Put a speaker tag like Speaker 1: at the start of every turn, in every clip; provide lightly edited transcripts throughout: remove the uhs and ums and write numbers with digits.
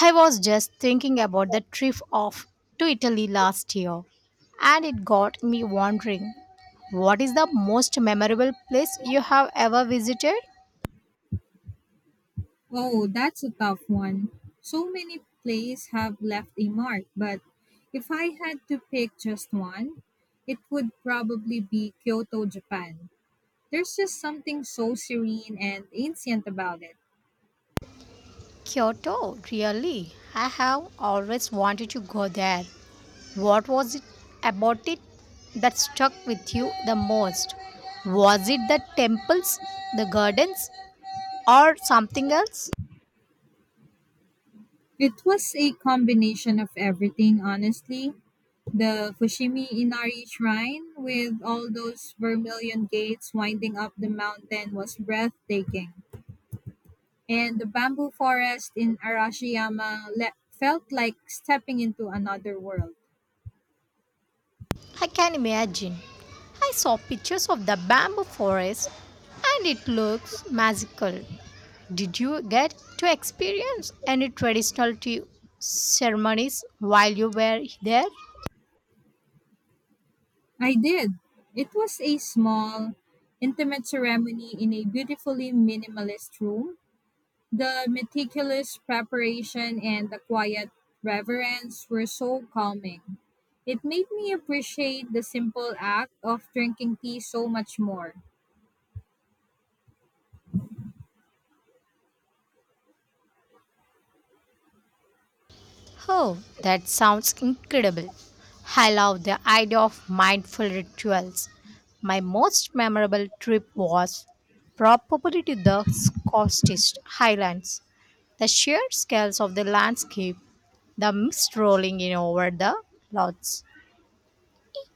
Speaker 1: I was just thinking about the trip off to Italy last year, and it got me wondering, what is the most memorable place you have ever visited?
Speaker 2: Oh, that's a tough one. So many plays have left a mark, but if I had to pick just one, it would probably be Kyoto, Japan. There's just something so serene and ancient about it.
Speaker 1: Kyoto, really? I have always wanted to go there. What was it about it that stuck with you the most? Was it the temples, the gardens, or something else?
Speaker 2: It was a combination of everything, honestly. The Fushimi Inari Shrine, with all those vermilion gates winding up the mountain, was breathtaking. And the bamboo forest in Arashiyama felt like stepping into another world.
Speaker 1: I can imagine. I saw pictures of the bamboo forest and it looks magical. Did you get to experience any traditional tea ceremonies while you were there?
Speaker 2: I did. It was a small, intimate ceremony in a beautifully minimalist room. The meticulous preparation and the quiet reverence were so calming. It made me appreciate the simple act of drinking tea so much more.
Speaker 1: Oh, that sounds incredible. I love the idea of mindful rituals. My most memorable trip was probably to the Scottish Highlands. The sheer scales of the landscape, the mist rolling in over the lots,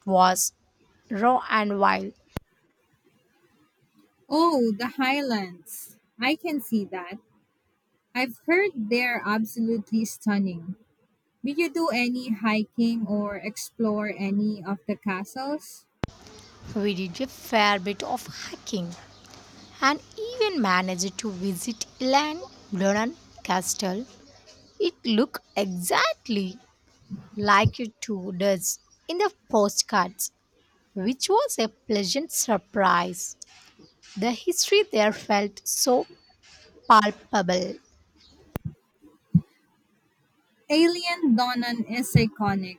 Speaker 1: was raw and wild.
Speaker 2: Oh, the highlands. I can see that. I've heard they're absolutely stunning. Did you do any hiking or explore any of the castles?
Speaker 1: We did a fair bit of hiking and even managed to visit Elan Blunan Castle. It looked exactly like you too does in the postcards, which was a pleasant surprise. The history there felt so palpable.
Speaker 2: Alien Donan is iconic.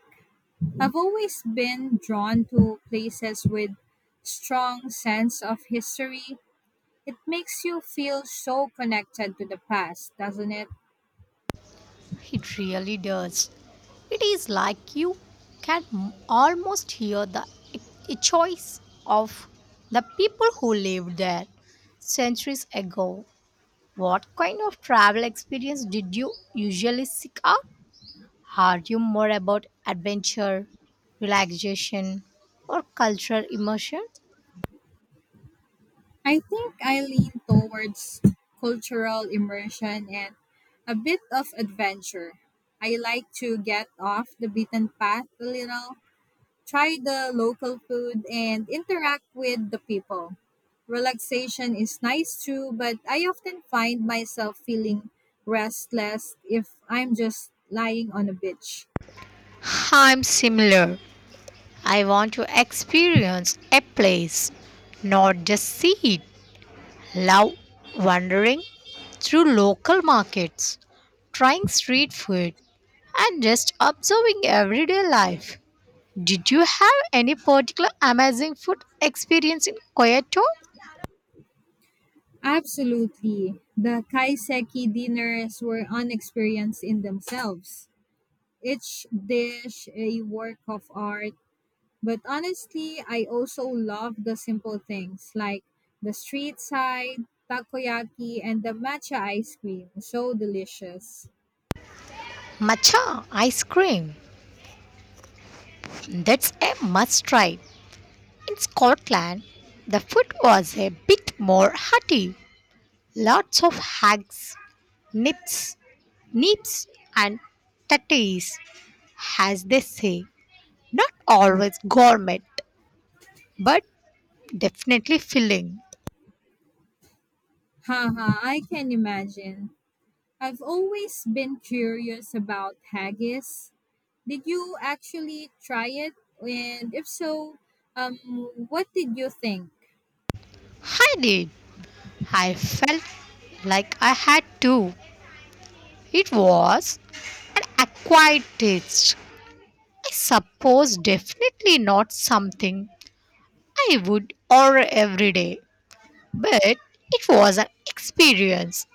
Speaker 2: I've always been drawn to places with strong sense of history. It makes you feel so connected to the past, doesn't it?
Speaker 1: It really does. It is like you almost hear the a choice of the people who lived there centuries ago. What kind of travel experience did you usually seek out? Are you more about adventure, relaxation, or cultural immersion?
Speaker 2: I think I lean towards cultural immersion and a bit of adventure. I like to get off the beaten path a little. Try the local food and interact with the people. Relaxation is nice too, but I often find myself feeling restless if I'm just lying on a beach.
Speaker 1: I'm similar. I want to experience a place, not just see it. Love wandering through local markets, trying street food, and just observing everyday life. Did you have any particular amazing food experience in Kyoto?
Speaker 2: Absolutely. The kaiseki dinners were an experience in themselves. Each dish a work of art. But honestly, I also love the simple things like the street side, takoyaki, and the matcha ice cream. So delicious.
Speaker 1: Matcha ice cream. That's a must try. In Scotland, the food was a bit more hearty. Lots of hags, nips, nips, and tatties, as they say. Not always gourmet, but definitely filling.
Speaker 2: Haha, I can imagine. I've always been curious about haggis. Did you actually try it? And if so, um, what did you think?
Speaker 1: I did. I felt like I had to. It was an acquired taste. I suppose, definitely not something I would order every day. But it was an experience.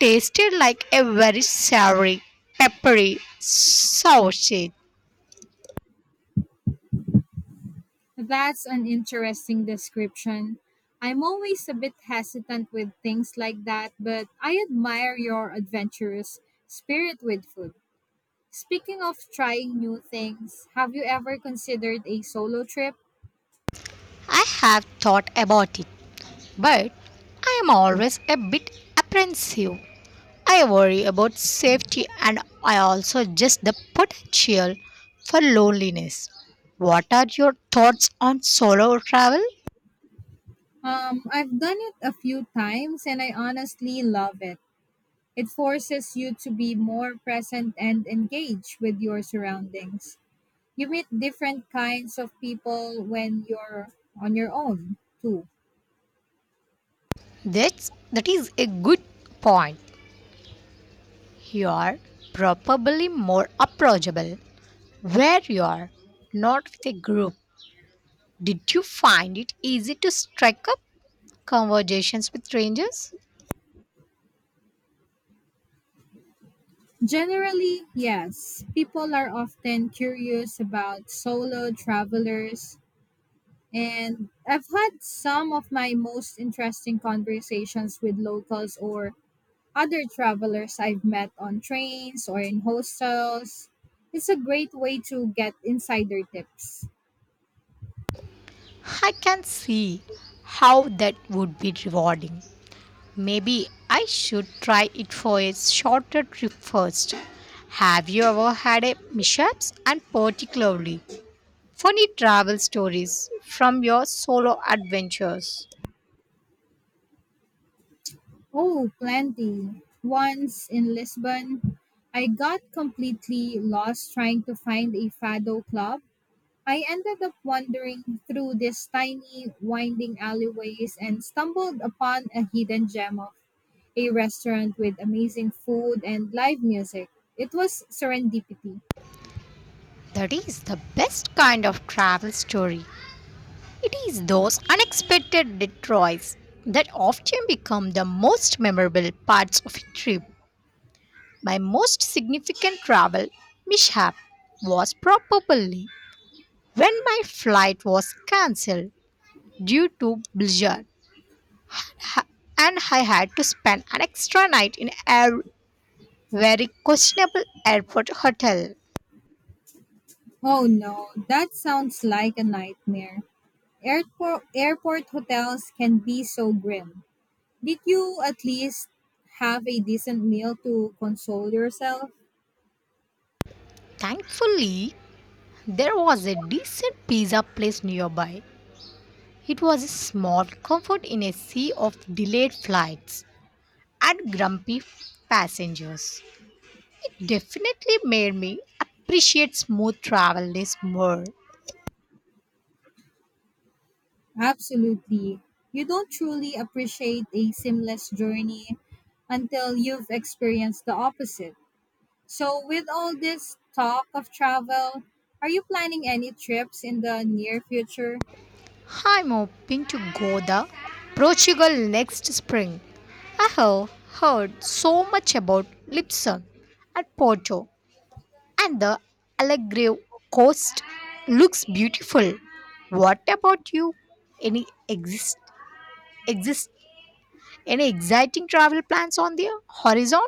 Speaker 1: Tasted like a very savory, peppery sausage.
Speaker 2: That's an interesting description. I'm always a bit hesitant with things like that, but I admire your adventurous spirit with food. Speaking of trying new things, have you ever considered a solo trip?
Speaker 1: I have thought about it, but I am always a bit apprehensive. I worry about safety and I also just the potential for loneliness. What are your thoughts on solo travel?
Speaker 2: I've done it a few times and I honestly love it. It forces you to be more present and engaged with your surroundings. You meet different kinds of people when you're on your own, too.
Speaker 1: That is a good point. You are probably more approachable where you are not with a group. Did you find it easy to strike up conversations with strangers?
Speaker 2: Generally, yes. People are often curious about solo travelers, and I've had some of my most interesting conversations with locals or other travelers I've met on trains or in hostels. It's a great way to get insider tips.
Speaker 1: I can see how that would be rewarding. Maybe I should try it for a shorter trip first. Have you ever had a mishaps and particularly funny travel stories from your solo adventures?
Speaker 2: Oh, plenty. Once in Lisbon, I got completely lost trying to find a Fado club. I ended up wandering through these tiny, winding alleyways and stumbled upon a hidden gem of a restaurant with amazing food and live music. It was serendipity.
Speaker 1: That is the best kind of travel story. It is those unexpected detours that often become the most memorable parts of a trip. My most significant travel mishap was probably when my flight was cancelled due to blizzard ha- and I had to spend an extra night in a very questionable airport hotel.
Speaker 2: Oh no, that sounds like a nightmare. Airport hotels can be so grim. Did you at least have a decent meal to console yourself?
Speaker 1: Thankfully, there was a decent pizza place nearby. It was a small comfort in a sea of delayed flights and grumpy passengers. It definitely made me appreciate smooth travel this more.
Speaker 2: Absolutely. You don't truly appreciate a seamless journey until you've experienced the opposite. So, with all this talk of travel, are you planning any trips in the near future?
Speaker 1: I'm hoping to go to Portugal next spring. I have heard so much about Lisbon and Porto, and the Algarve coast looks beautiful. What about you? Any exist exist Any exciting travel plans on the horizon?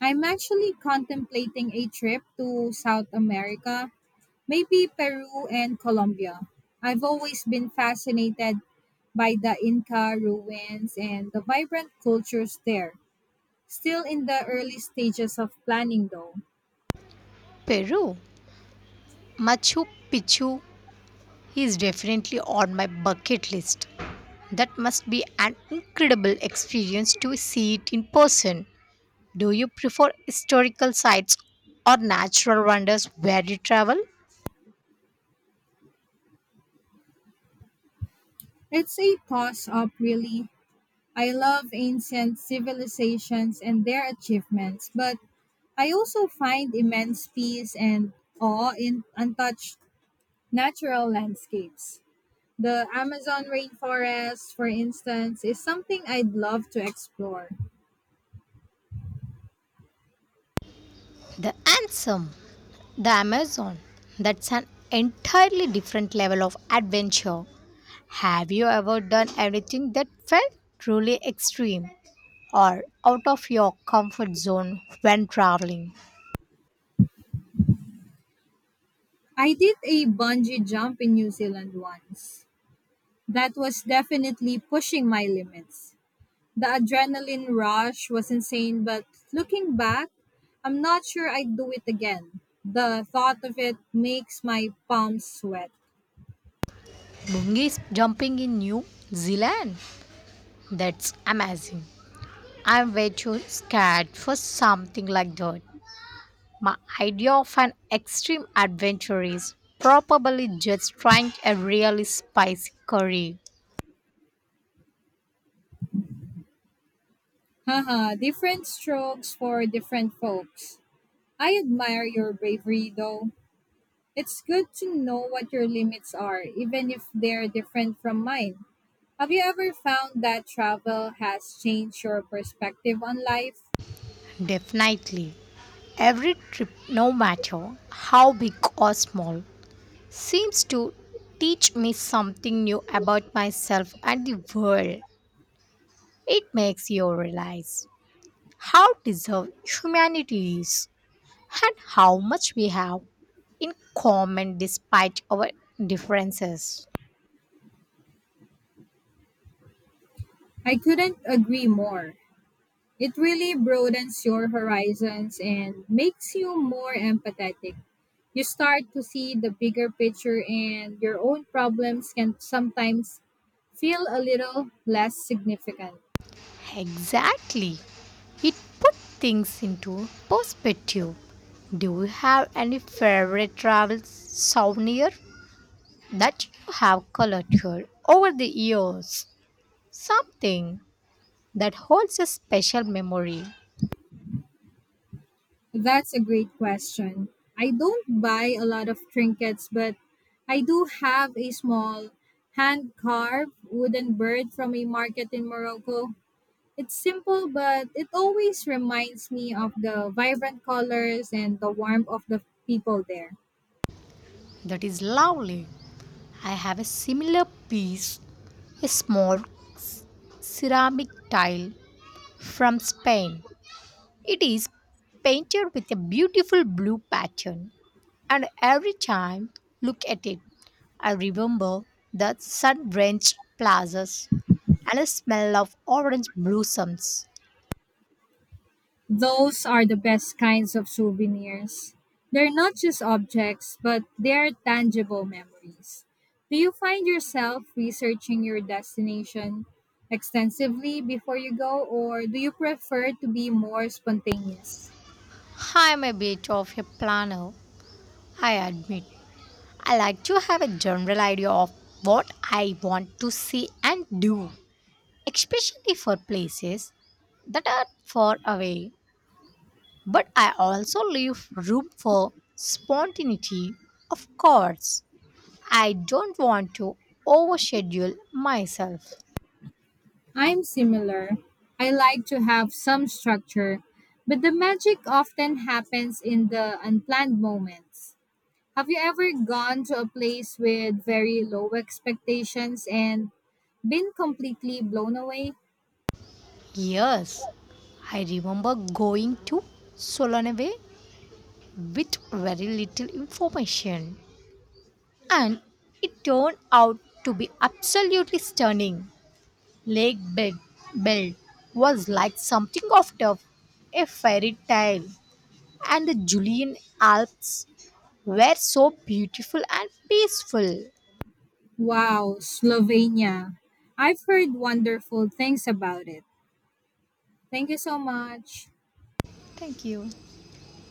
Speaker 2: I'm actually contemplating a trip to South America, maybe Peru and Colombia. I've always been fascinated by the Inca ruins and the vibrant cultures there. Still in the early stages of planning, though.
Speaker 1: Peru, Machu Picchu is definitely on my bucket list. That must be an incredible experience to see it in person. Do you prefer historical sites or natural wonders where you travel?
Speaker 2: It's a toss up, really. I love ancient civilizations and their achievements, but I also find immense peace and awe in untouched natural landscapes. The Amazon rainforest, for instance, is something I'd love to explore.
Speaker 1: The Ansem, the Amazon. That's an entirely different level of adventure. Have you ever done anything that felt truly extreme? Or out of your comfort zone when traveling.
Speaker 2: I did a bungee jump in New Zealand once. That was definitely pushing my limits. The adrenaline rush was insane, but looking back, I'm not sure I'd do it again. The thought of it makes my palms sweat.
Speaker 1: Bungees jumping in New Zealand? That's amazing. I'm way too scared for something like that. My idea of an extreme adventure is probably just trying a really spicy curry.
Speaker 2: Haha, different strokes for different folks. I admire your bravery though. It's good to know what your limits are, even if they're different from mine. Have you ever found that travel has changed your perspective on life?
Speaker 1: Definitely. Every trip, no matter how big or small, seems to teach me something new about myself and the world. It makes you realize how deserved humanity is and how much we have in common despite our differences.
Speaker 2: I couldn't agree more. It really broadens your horizons and makes you more empathetic. You start to see the bigger picture, and your own problems can sometimes feel a little less significant.
Speaker 1: Exactly. It put things into perspective. Do you have any favorite travel souvenir that you have collected over the years? Something that holds a special memory.
Speaker 2: That's a great question. I don't buy a lot of trinkets, but I do have a small hand carved wooden bird from a market in Morocco. It's simple, but it always reminds me of the vibrant colors and the warmth of the people there.
Speaker 1: That is lovely. I have a similar piece, a small ceramic tile from Spain. It is painted with a beautiful blue pattern, and every time look at it, I remember the sun-drenched plazas and the smell of orange blossoms.
Speaker 2: Those are the best kinds of souvenirs. They're not just objects, but they are tangible memories. Do you find yourself researching your destination extensively before you go, or do you prefer to be more spontaneous?
Speaker 1: I am a bit of a planner, I admit. I like to have a general idea of what I want to see and do, especially for places that are far away. But I also leave room for spontaneity. Of course, I don't want to overschedule myself.
Speaker 2: I'm similar. I like to have some structure, but the magic often happens in the unplanned moments. Have you ever gone to a place with very low expectations and been completely blown away?
Speaker 1: Yes, I remember going to Solanave with very little information, and it turned out to be absolutely stunning. Lake Bed Belt was like something out of a fairy tale, and the Julian Alps were so beautiful and peaceful.
Speaker 2: Wow, Slovenia. I've heard wonderful things about it. Thank you so much.
Speaker 1: Thank you.